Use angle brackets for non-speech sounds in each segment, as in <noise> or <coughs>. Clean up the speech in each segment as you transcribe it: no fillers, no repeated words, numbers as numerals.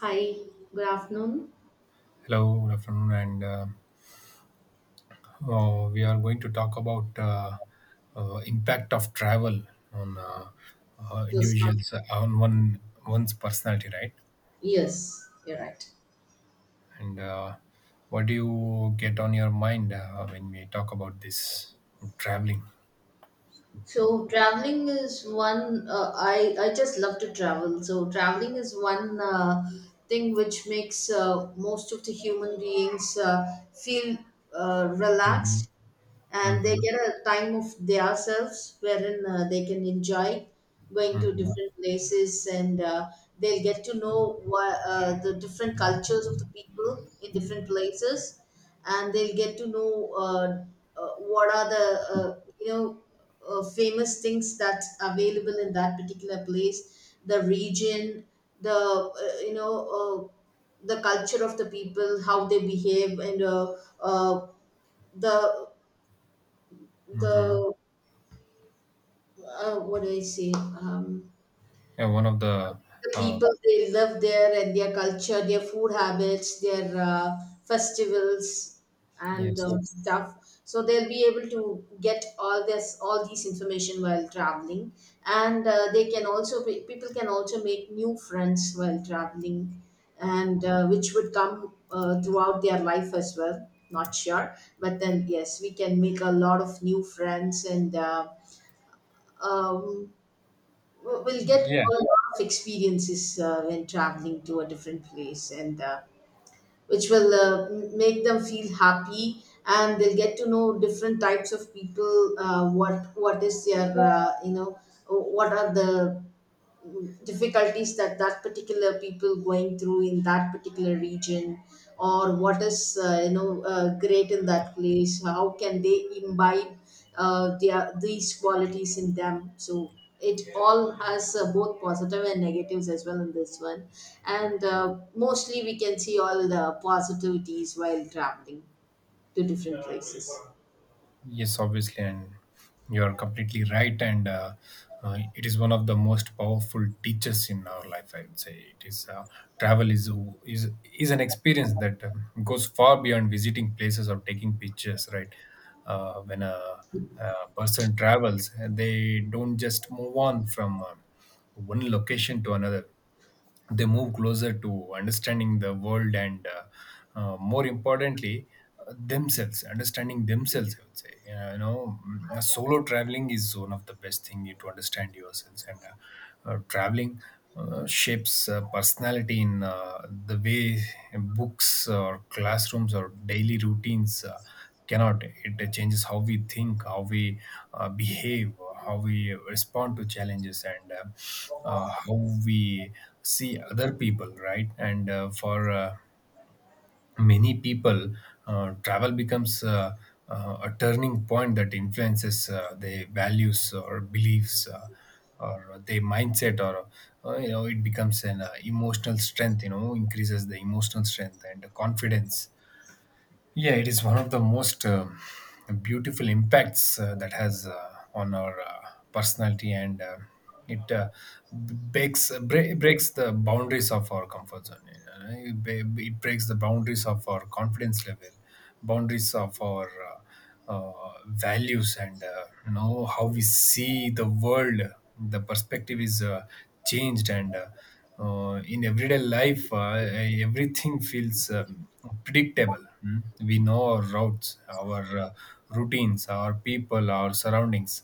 Hi, good afternoon. Hello, good afternoon, and we are going to talk about impact of travel on Yes, ma'am. individuals on one's personality, right? Yes, you're right. And what do you get on your mind when we talk about this traveling? So traveling is one I just love to travel. So traveling is one thing which makes most of the human beings feel Hmm. relaxed, and they Hmm. get a time of themselves wherein they can enjoy going to Hmm. different places, and they'll get to know the different cultures of the people in different places, and they'll get to know what are the famous things that's available in that particular place, the region, the the culture of the people, how they behave, and uh, the Hmm. the what do I say? Yeah, one of the The uh, people they live there, and their culture, their food habits, their festivals, and yes, yes, stuff. So they'll be able to get all this, all these information while traveling, and they can also be, people can also make new friends while traveling, and which would come throughout their life as well. Not sure, but then yes, we can make a lot of new friends. And. Uh, um, We'll we'll get yeah, a lot of experiences when traveling to a different place, and which will make them feel happy, and they'll get to know different types of people. What is their what are the difficulties that that particular people going through in that particular region, or what is great in that place, how can they imbibe their these qualities in them. So it all has both positive and negatives as well in this one, and mostly we can see all the positivities while traveling to different places. Yes, obviously, and you are completely right. And it is one of the most powerful teachers in our life. I would say it is travel is is an experience that goes far beyond visiting places or taking pictures. Right, when a person travels, they don't just move on from one location to another. They move closer to understanding the world and more importantly, themselves, understanding themselves, I would say. You know, solo traveling is one of the best thing to understand yourselves. And traveling shapes personality in the way books or classrooms or daily routines cannot. It changes how we think, how we behave, how we respond to challenges, and how we see other people, right? And for many people, travel becomes a turning point that influences their values or beliefs, or their mindset, or you know, it becomes an emotional strength. You know, increases the emotional strength and confidence. Yeah, it is one of the most beautiful impacts that has on our personality. And it breaks the boundaries of our comfort zone. You know, it breaks the boundaries of our confidence level, boundaries of our values, and you know how we see the world. The perspective is changed. And in everyday life, everything feels predictable. Mm. We know our routes, our routines, our people, our surroundings.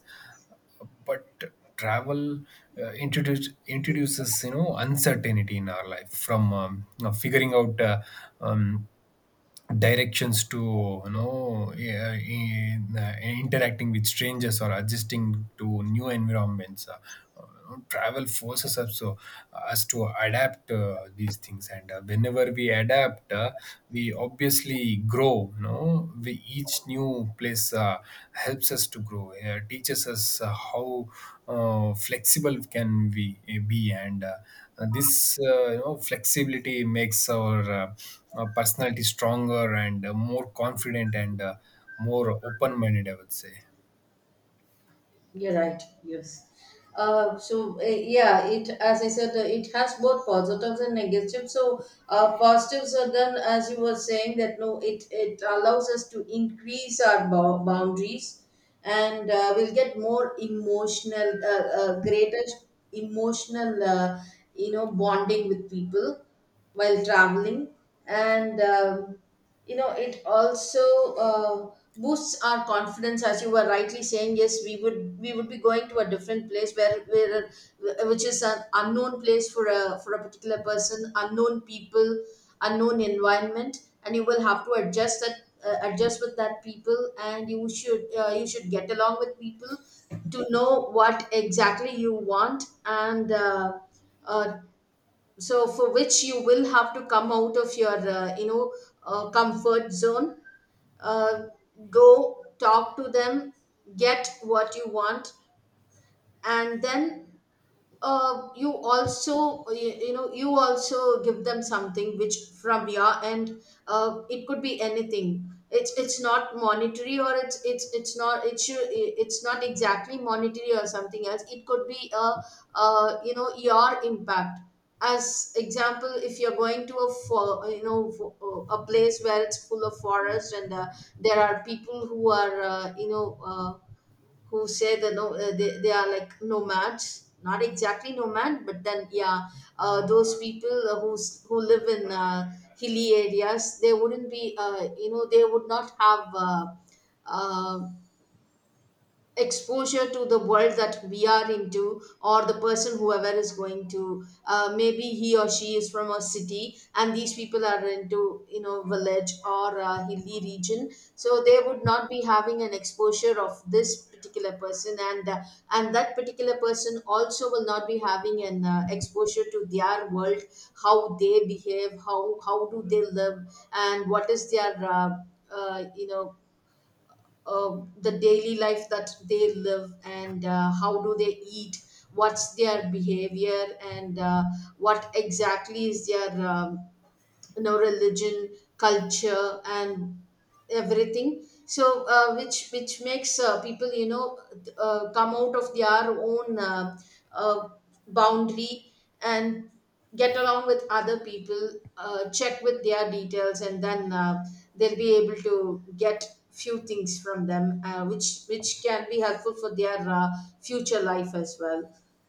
But travel introduces, you know, uncertainty in our life, from you know, figuring out um, directions, to yeah, interacting with strangers or adjusting to new environments. Travel forces us to adapt these things. And whenever we adapt, we obviously grow. You know, we each new place helps us to grow, teaches us how flexible can we be. And and this, you know, flexibility makes our personality stronger and more confident and more open-minded, I would say. You're right. Yes. It as I said, it has both positives and negatives. So positives are then, as you were saying, that no, it allows us to increase our boundaries, and we'll get more emotional, greater emotional, bonding with people while traveling, and you know, it also boosts our confidence, as you were rightly saying. Yes, we would be going to a different place, where which is an unknown place for a particular person, unknown people, unknown environment, and you will have to adjust with that people, and you should get along with people to know what exactly you want. And uh, so for which you will have to come out of your comfort zone, uh, go talk to them, get what you want, and then you know, you also give them something, which from your end it could be anything. It's not monetary, or it's not exactly monetary or something else. It could be a your impact. As example, if you're going to a fo- you know fo- a place where it's full of forest, and there are people who are who say the no, they are like nomads, not exactly nomad, but then yeah, those people who live in hilly areas, they wouldn't be they would not have uh, exposure to the world that we are into, or the person whoever is going to, maybe he or she is from a city, and these people are into, you know, village or a hilly region, so they would not be having an exposure of this particular person, and that particular person also will not be having an exposure to their world, how they behave, how do they live, and what is their uh, you know the daily life that they live, and how do they eat, what's their behavior, and what exactly is their you know, religion, culture, and everything. So which makes people, you know, come out of their own uh, boundary and get along with other people, check with their details, and then they'll be able to get few things from them, which can be helpful for their future life as well,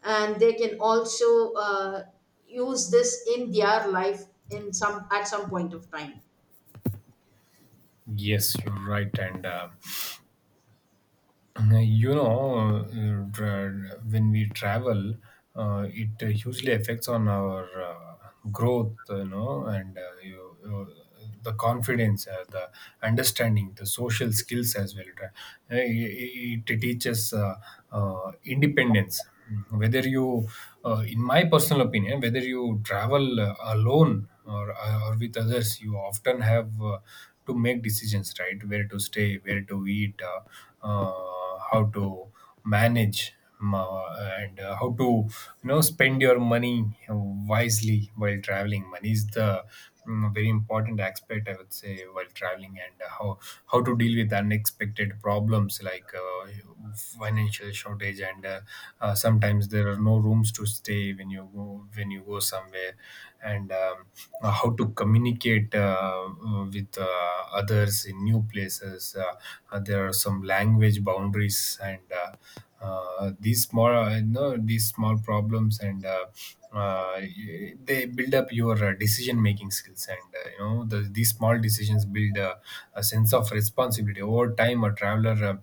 and they can also use this in their life in some at some point of time. Yes, you're right, and you know, tra- when we travel, it hugely affects on our growth, you know. And the confidence, the understanding, the social skills as well. It teaches independence. Whether you in my personal opinion, whether you travel alone or with others, you often have to make decisions, right? Where to stay, where to eat, how to manage ma-, and how to, you know, spend your money wisely. While traveling, money is the very important aspect, I would say, while traveling. And how to deal with unexpected problems like financial shortage. And sometimes there are no rooms to stay when you go somewhere. And how to communicate with others in new places. There are some language boundaries. And these small, you know, these small problems, and they build up your decision making skills. And you know, these small decisions build a sense of responsibility over time. A traveler uh,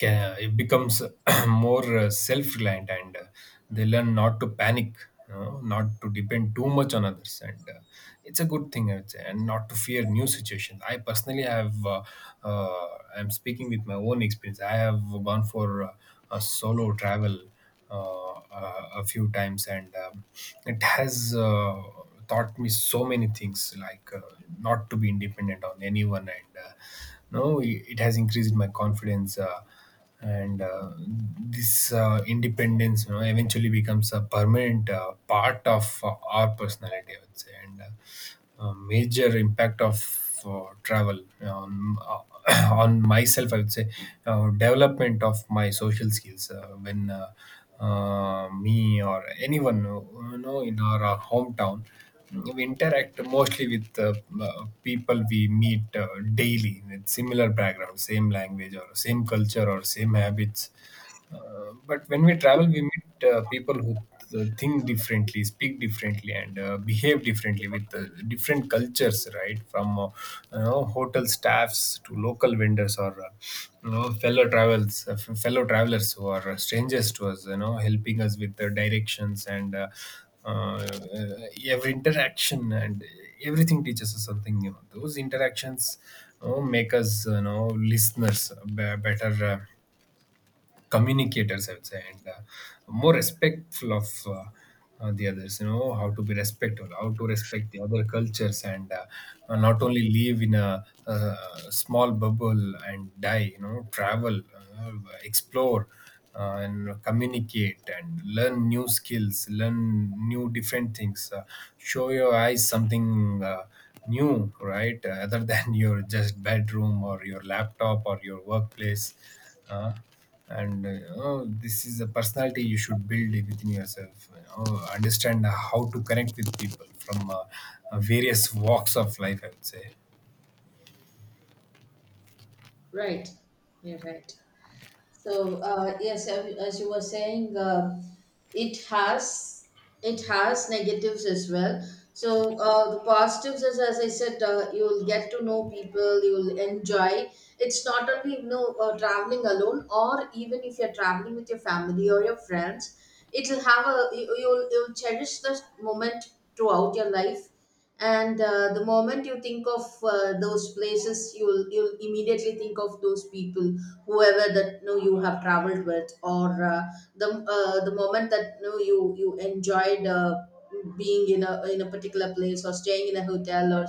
ca- it becomes <clears throat> more self-reliant. And they learn not to panic, you know, not to depend too much on others. And it's a good thing, I would say, and not to fear new situations. I personally have uh, I'm speaking with my own experience. I have gone for a solo travel a few times. And it has taught me so many things, like not to be independent on anyone. And no, it has increased my confidence. And This independence, you know, eventually becomes a permanent part of our personality, I would say. And a major impact of travel, um, <coughs> <clears throat> on myself, I would say, development of my social skills. When me or anyone, you know, in our hometown, we interact mostly with uh, people we meet daily with similar background, same language or same culture or same habits. But when we travel, we meet people who think differently, speak differently, and behave differently, with different cultures, right? From you know, hotel staffs to local vendors, or you know, fellow travelers who are strangers to us, you know, helping us with the directions. And. Uh, uh, every interaction and everything teaches us something new. Those interactions, you know, make us, you know, listeners, better communicators, I would say, and more respectful of the others. You know, how to be respectful, how to respect the other cultures, and not only live in a, small bubble and die. You know, travel, explore, and communicate and learn new skills, learn new different things, show your eyes something new, right? <laughs> Other than <laughs> your just bedroom or your laptop or your workplace. Uh, and uh, you know, this is a personality you should build within yourself. You know, understand how to connect with people from various walks of life, I would say. Right. You're right. So yes, as you were saying, it has it has negatives as well. So the positives is, as I said, you will get to know people, you will enjoy. It's not only, you know, traveling alone, or even if you're traveling with your family or your friends, it'll have a you, you'll cherish this moment throughout your life, and the moment you think of those places, you'll immediately think of those people whoever that you know you have traveled with, or the the moment that you know you enjoyed being in a particular place, or staying in a hotel, or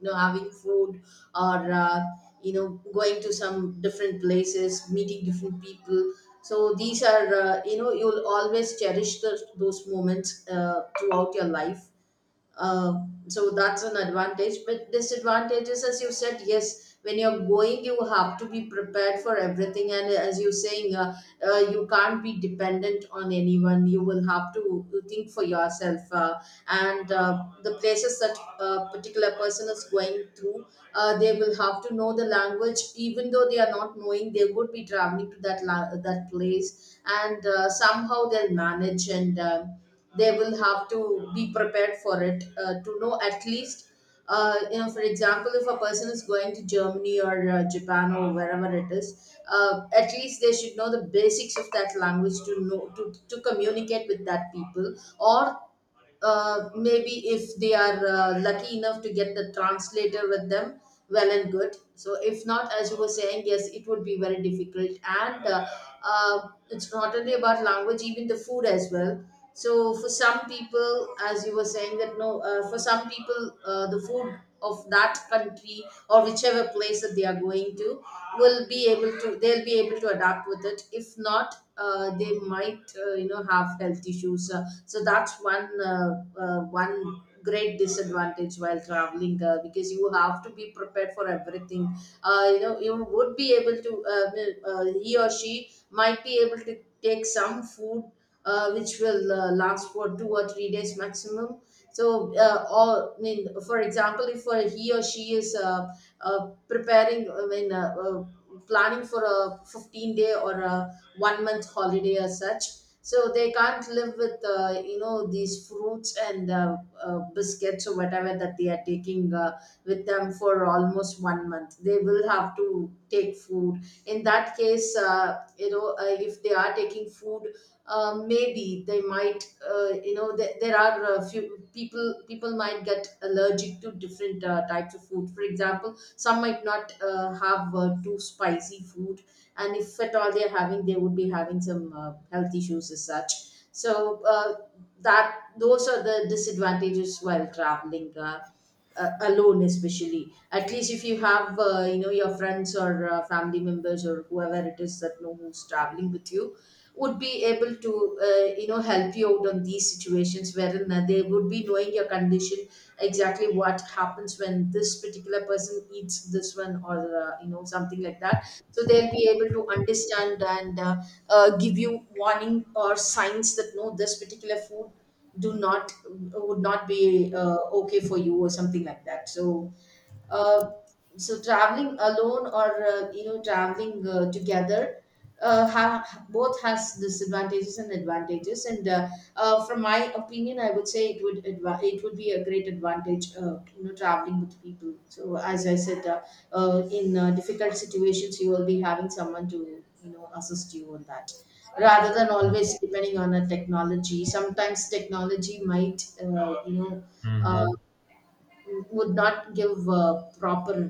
you know, having food, or you know, going to some different places, meeting different people. So these are, you know, you'll always cherish the those moments throughout your life. So that's an advantage. But disadvantages, as you said, yes, when you're going, you have to be prepared for everything. And as you're saying, you can't be dependent on anyone. You will have to think for yourself. And the places that a particular person is going through, they will have to know the language. Even though they are not knowing, they would be traveling to that place, and somehow they'll manage, and they will have to be prepared for it, to know at least for example, if a person is going to Germany or Japan or wherever it is, at least they should know the basics of that language to know to communicate with that people, or maybe if they are lucky enough to get the translator with them, well and good. So if not, as you were saying, yes, it would be very difficult. And it's not only about language, even the food as well. So for some people, as you were saying that no, for some people, the food of that country or whichever place that they are going to, will be able to they'll be able to adapt with it. If not, they might have health issues. So that's one one great disadvantage while traveling, because you have to be prepared for everything. You know, you would be able to he or she might be able to take some food which will last for 2 or 3 days maximum. So, I mean, for example, if he or she is I mean, planning for a 15 day or a one month holiday as such, so they can't live with these fruits and biscuits or whatever that they are taking with them for almost one month. They will have to take food. In that case, if they are taking food, maybe they might you know there, there are a few people. People might get allergic to different types of food. For example, some might not have too spicy food, and if at all they're having, they would be having some health issues as such. So that those are the disadvantages while traveling alone, especially. At least if you have you know your friends or family members or whoever it is that know, who's traveling with you, would be able to you know, help you out on these situations, wherein they would be knowing your condition, exactly what happens when this particular person eats this one, or you know, something like that. So they'll be able to understand, and give you warning or signs that no, this particular food do not would not be okay for you, or something like that. So uh, so traveling alone or you know, traveling together, both has disadvantages and advantages. And from my opinion, I would say it would it would be a great advantage, you know, traveling with people. So as I said, in difficult situations, you will be having someone to, you know, assist you on that, rather than always depending on a technology. Sometimes technology might, uh, Hmm. would not give proper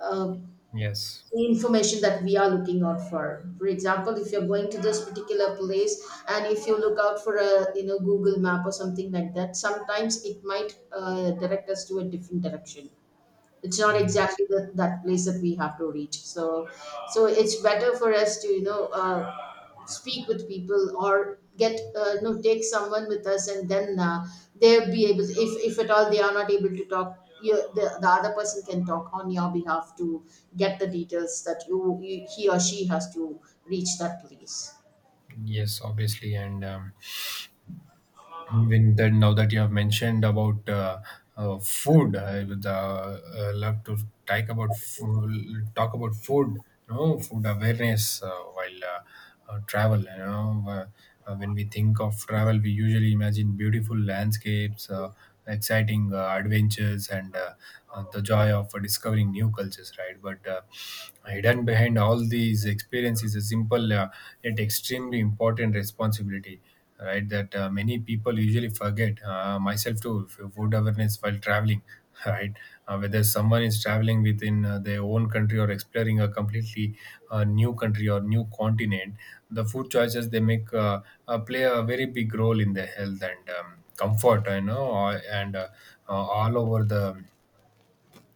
uh, uh, Yes, information that we are looking out for. For example, if you're going to this particular place and if you look out for a, Google map or something like that, sometimes it might direct us to a different direction. It's not exactly that place that we have to reach. So so it's better for us to, speak with people or get, take someone with us, and then they'll be able, if at all they are not able to talk, the other person can talk on your behalf to get the details that you he or she has to reach that place. yes, obviously, and When that now that you have mentioned about food, I would love to talk about fo- talk about food. You know, food awareness while travel. You know, when we think of travel, we usually imagine beautiful landscapes, exciting adventures, and the joy of discovering new cultures, right? But hidden behind all these experiences is a simple yet extremely important responsibility, right? That many people usually forget, myself too, if food awareness while traveling, <laughs> right? Whether someone is traveling within their own country, or exploring a completely new country or new continent, the food choices they make play a very big role in their health and comfort, you know, and uh, all over the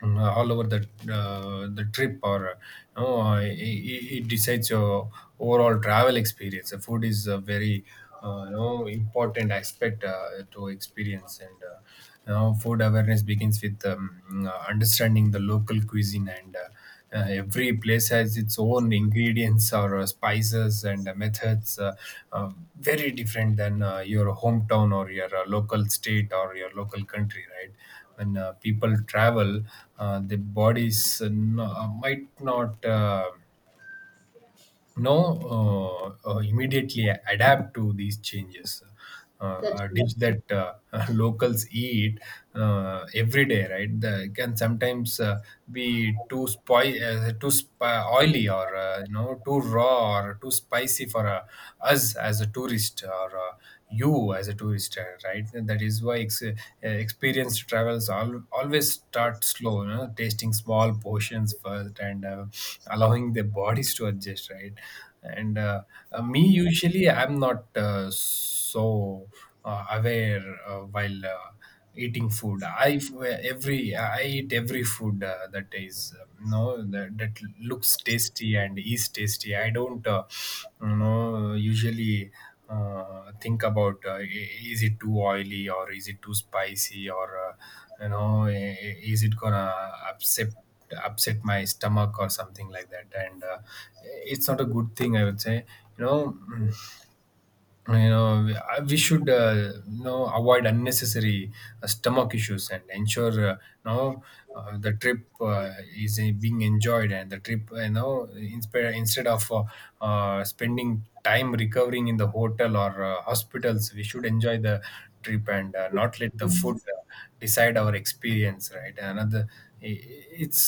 all over the trip, or you know, it decides your overall travel experience. The food is a very you know, important aspect to experience. And you know, food awareness begins with understanding the local cuisine. And every place has its own ingredients, or spices, and methods, uh, very different than your hometown or your local state or your local country, right? When people travel, their bodies, might not know, immediately adapt to these changes. That's A right. dish that <laughs> locals eat every day, right? The, can sometimes be too oily, or you know, too raw or too spicy for us as a tourist, or. You as a tourist right. And that is why experienced travels always start slow, you know, tasting small portions first, and allowing their bodies to adjust, right. and Me, usually I'm not so aware while eating food. I every I eat every food that is that, that looks tasty and is tasty. I don't you know, usually think about is it too oily or is it too spicy, or you know, is it gonna upset upset my stomach or something like that. And it's not a good thing, I would say, you know. mm, you know, we should you know, avoid unnecessary stomach issues, and ensure you know the trip is being enjoyed, and the trip you know, instead of spending time recovering in the hotel or hospitals. We should enjoy the trip and not let the food decide our experience, right. Another i- it's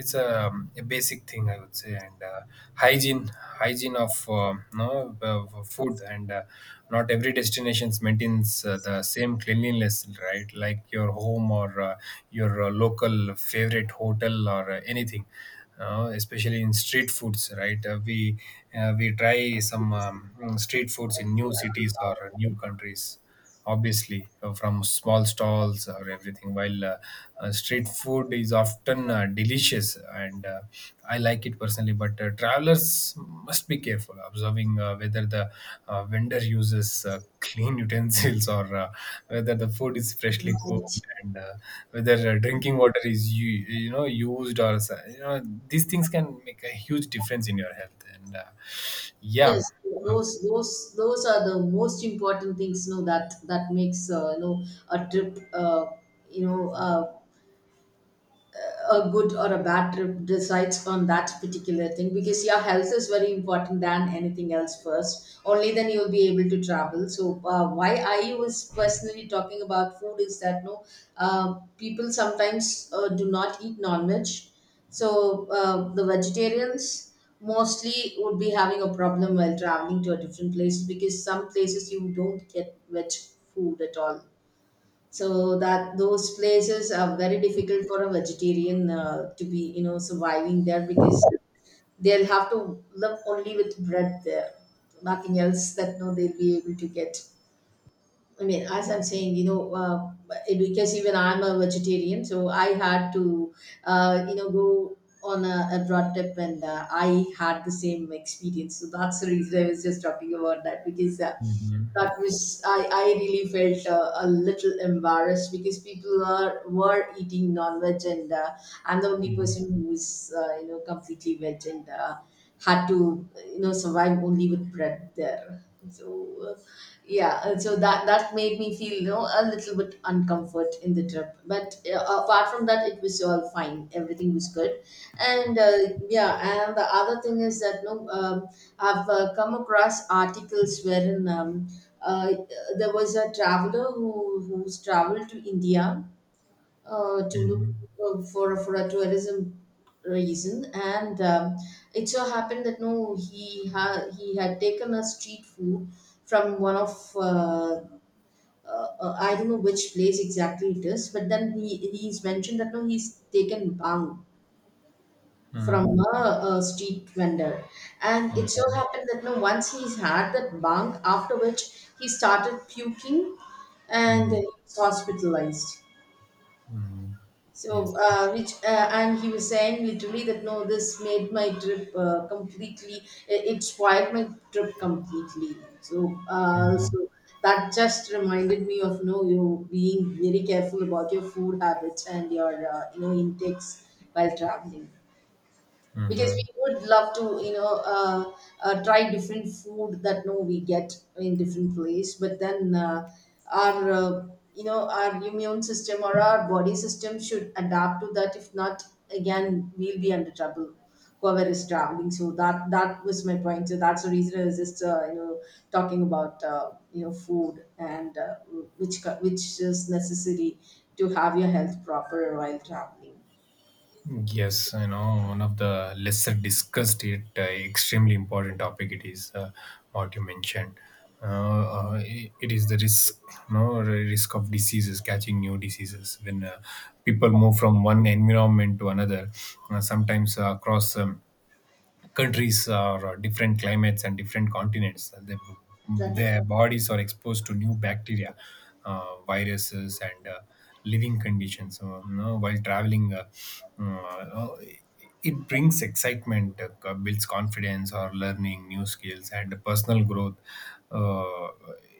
a basic thing, I would say. And hygiene, hygiene of food. And not every destinations maintains the same cleanliness, right, like your home or your local favorite hotel or anything, especially in street foods, right. We we try some street foods in new cities or new countries, obviously from small stalls or everything. While street food is often delicious, and I like it personally, but travelers must be careful observing whether the vendor uses clean <laughs> utensils, or whether the food is freshly Right. cooked, and whether drinking water is you know used, or these things can make a huge difference in your health. And yeah. Yes, Uh, those those are the most important things. You know that that makes, a trip. You know. Uh, a good or a bad trip decides on that particular thing, because your health is very important than anything else first, only then you'll be able to travel. So why I was personally talking about food is that no, people sometimes do not eat non-veg. So the vegetarians mostly would be having a problem while traveling to a different place, because some places you don't get veg food at all. So that those places are very difficult for a vegetarian to be, you know, surviving there, because they'll have to live only with bread there. Nothing else that no they'll be able to get. I mean, as I'm saying, because even I'm a vegetarian, so I had to, go on a broad trip, and I had the same experience. So that's the reason I was just talking about that, because mhm. that was, I really felt a little embarrassed because people are were eating non-veg, and I'm the only Mhm. person who was, completely veg, and had to, you know, survive only with bread there. So uh, yeah, and so that that made me feel, you know, a little bit uncomfort in the trip, but apart from that, it was all fine, everything was good. And uh, yeah and the other thing is that no, I've come across articles wherein, uh, there was a traveler who's traveled to India to look Mhm. For a tourism reason, and it so happened that no, he had taken a street food from one of, I don't know which place exactly it is, but then he's mentioned that no, he's taken bang Mhm. from a street vendor, and it so Okay. happened that no, once he's had that bang, after which he started puking, and Mhm. he was hospitalized. Mhm. So, Yes. Which and he was saying literally that no, this made my trip completely. It spoiled my trip completely. So, uh, Mhm. so that just reminded me of no, you being very careful about your food habits and your, intakes while traveling. Because we Mhm. would love to, try different food that no we get in different place, but then our you know, our immune system or our body system should adapt to that. If not, again we'll be under trouble, whoever is traveling. So that that was my point. So that's the reason I was just, talking about, food, and which which is necessary to have your health proper while traveling. Yes, you know, one of the lesser discussed, it extremely important topic it is, what you mentioned. It it is the risk, no, risk of diseases, catching new diseases when people move from one environment to another. Sometimes across countries or different climates and different continents. They, That. their bodies are exposed to new bacteria, viruses, and living conditions. You know, while traveling, uh, it brings excitement, builds confidence, or learning new skills and personal growth. Uh,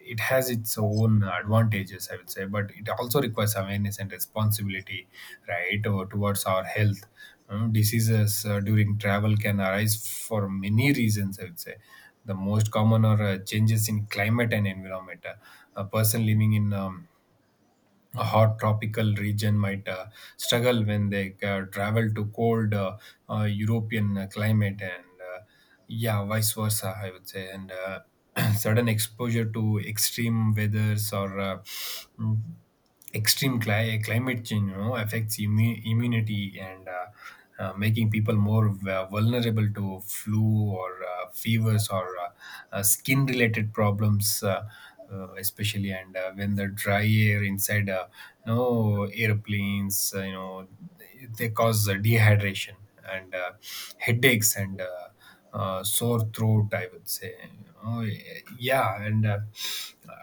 it has its own advantages, I would say, but it also requires awareness and responsibility, right, or towards our health. Diseases during travel can arise for many reasons, I would say. The most common are changes in climate and environment. A person living in a hot tropical region might struggle when they travel to cold European climate, and yeah, vice versa, I would say. And <clears throat> sudden exposure to extreme weathers, or mm, extreme climate change, you know, affects immunity. And. Making people more vulnerable to flu or fevers or skin related problems. Especially and when the dry air inside you know, airplanes, you know, they cause dehydration and headaches and sore throat, I would say. Oh yeah. And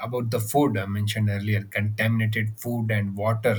about the food I mentioned earlier, contaminated food and water.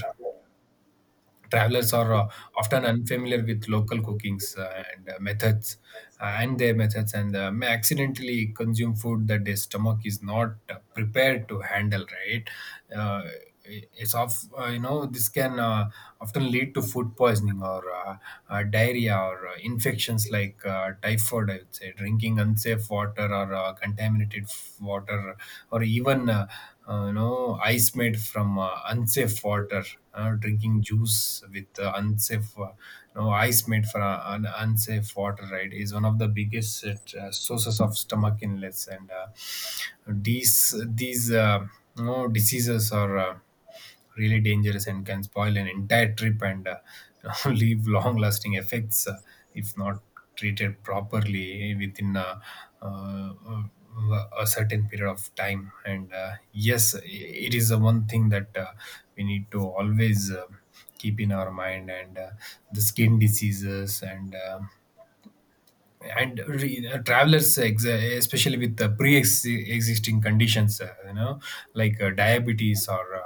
Travelers are often unfamiliar with local cookings and their methods, and may accidentally consume food that their stomach is not prepared to handle, right. uh, it's of You know, this can often lead to food poisoning, or diarrhea, or infections like typhoid, I would say. Drinking unsafe water or contaminated water, or even you know, ice made from unsafe water. Drinking juice with unsafe you know, ice made from unsafe water, right, is one of the biggest sources of stomach illness. And these you know, diseases are really dangerous and can spoil an entire trip, and <laughs> leave long lasting effects if not treated properly within uh, uh, a certain period of time. And yes, it is the one thing that we need to always keep in our mind. And the skin diseases and travelers, especially with the pre-existing conditions, you know, like diabetes, or uh,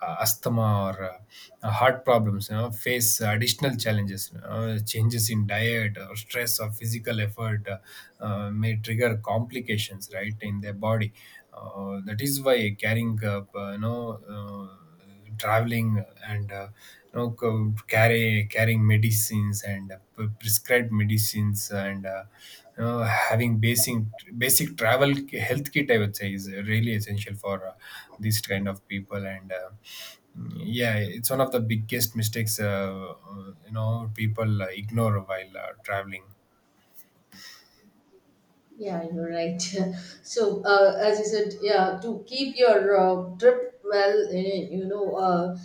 uh, asthma, or heart problems, you know, face additional challenges. You know, changes in diet or stress or physical effort may trigger complications, right, in their body. That is why carrying you know uh, traveling and you know, carrying medicines, and prescribed medicines, and you know, having basic basic travel health kit, I would say, is really essential for these kind of people. And yeah, it's one of the biggest mistakes you know, people ignore while traveling. Yeah, you're right. <laughs> So, as you said, yeah, to keep your trip well, eh, you know, uh,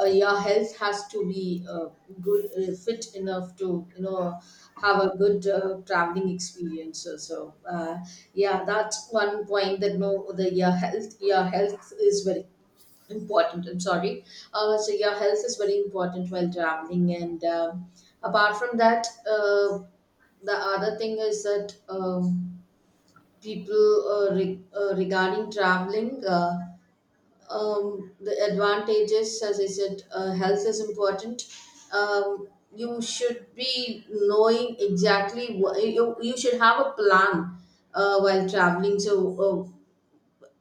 uh, your health has to be good, fit enough to, you know, have a good traveling experience. So, yeah, that's one point that no, the your health is very important. I'm sorry. So your health is very important while traveling, and apart from that, the other thing is that. People regarding traveling, the advantages, as I said, health is important. um, you should be knowing exactly what you should have a plan while traveling. So uh,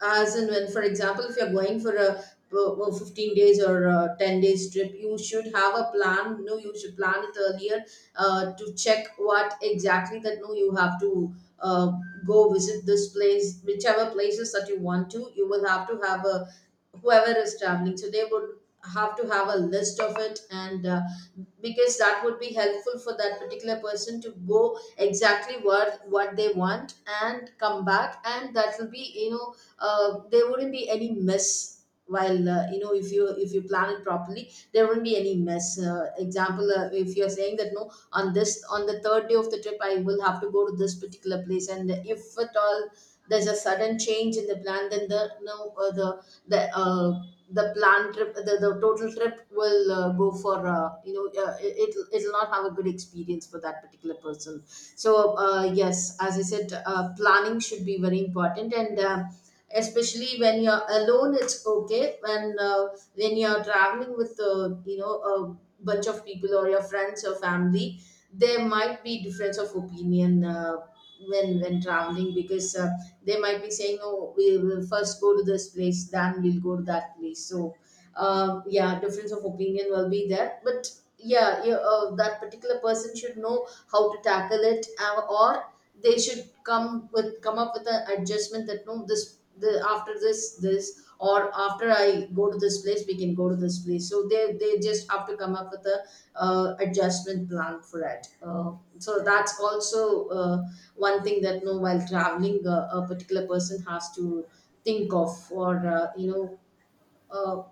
as and when, for example, if you're going for a 15 days or a 10 days trip, you should have a plan no, you should plan it earlier to check what exactly that no you have to uh, go visit this place, whichever places that you want to, you will have to have a, whoever is traveling, so they would have to have a list of it. And because that would be helpful for that particular person to go exactly what they want and come back, and that will be, you know, there wouldn't be any mess. While, if you plan it properly, there wouldn't be any mess. Example, if you're saying that no, on this, on the third day of the trip, I will have to go to this particular place, and if at all there's a sudden change in the plan, then the no, the plan trip, the total trip will go for, it it'll not have a good experience for that particular person. So yes, as I said, planning should be very important. And especially when you're alone, it's okay. When when you're traveling with, a bunch of people or your friends or family, there might be difference of opinion when traveling. Because they might be saying, oh, we will first go to this place, then we'll go to that place. So yeah, difference of opinion will be there, but yeah, that particular person should know how to tackle it, or they should come with come up with an adjustment that no, this the after this or after I go to this place we can go to this place. So they just have to come up with a adjustment plan for it. So that's also one thing that no while traveling a particular person has to think of or, uh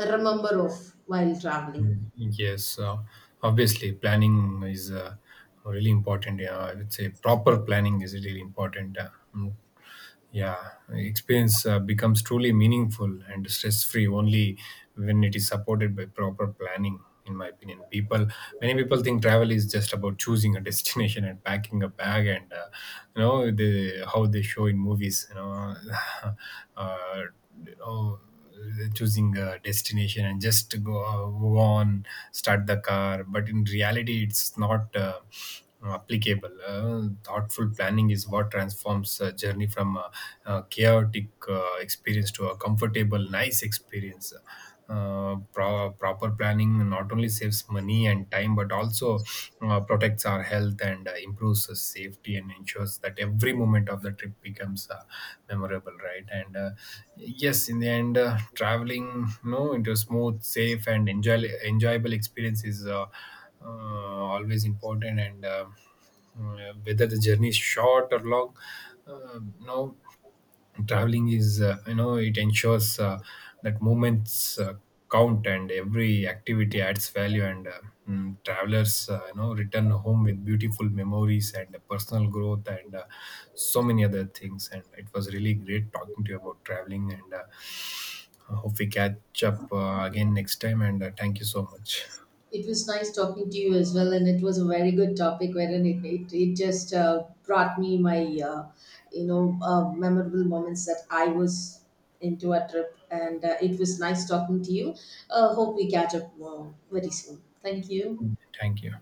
remember of while traveling. Yes, obviously, planning is really important. Yeah, I would say proper planning is really important. Yeah, experience becomes truly meaningful and stress free only when it is supported by proper planning. In my opinion, people many people think travel is just about choosing a <laughs> destination and packing a bag, and you know, the how they show in movies. You know, <laughs> uh, you know, choosing a destination and just go, go on, start the car. But in reality, it's not applicable. Thoughtful planning is what transforms a journey from a chaotic experience to a comfortable nice experience. Proper planning not only saves money and time, but also protects our health, and improves us safety, and ensures that every moment of the trip becomes memorable, right. And yes, in the end, traveling, you know, into a smooth, safe and enjoyable experience is uh, always important. And whether the journey is short or long, no, traveling is you know, it ensures that moments count, and every activity adds value, and travelers you know, return home with beautiful memories and personal growth, and so many other things. And it was really great talking to you about traveling. And I hope we catch up again next time. And thank you so much. It was nice talking to you as well, and it was a very good topic. Wherein it just brought me my, uh, memorable moments that I was into a trip, and it was nice talking to you. Hope we catch up very soon. Thank you. Thank you.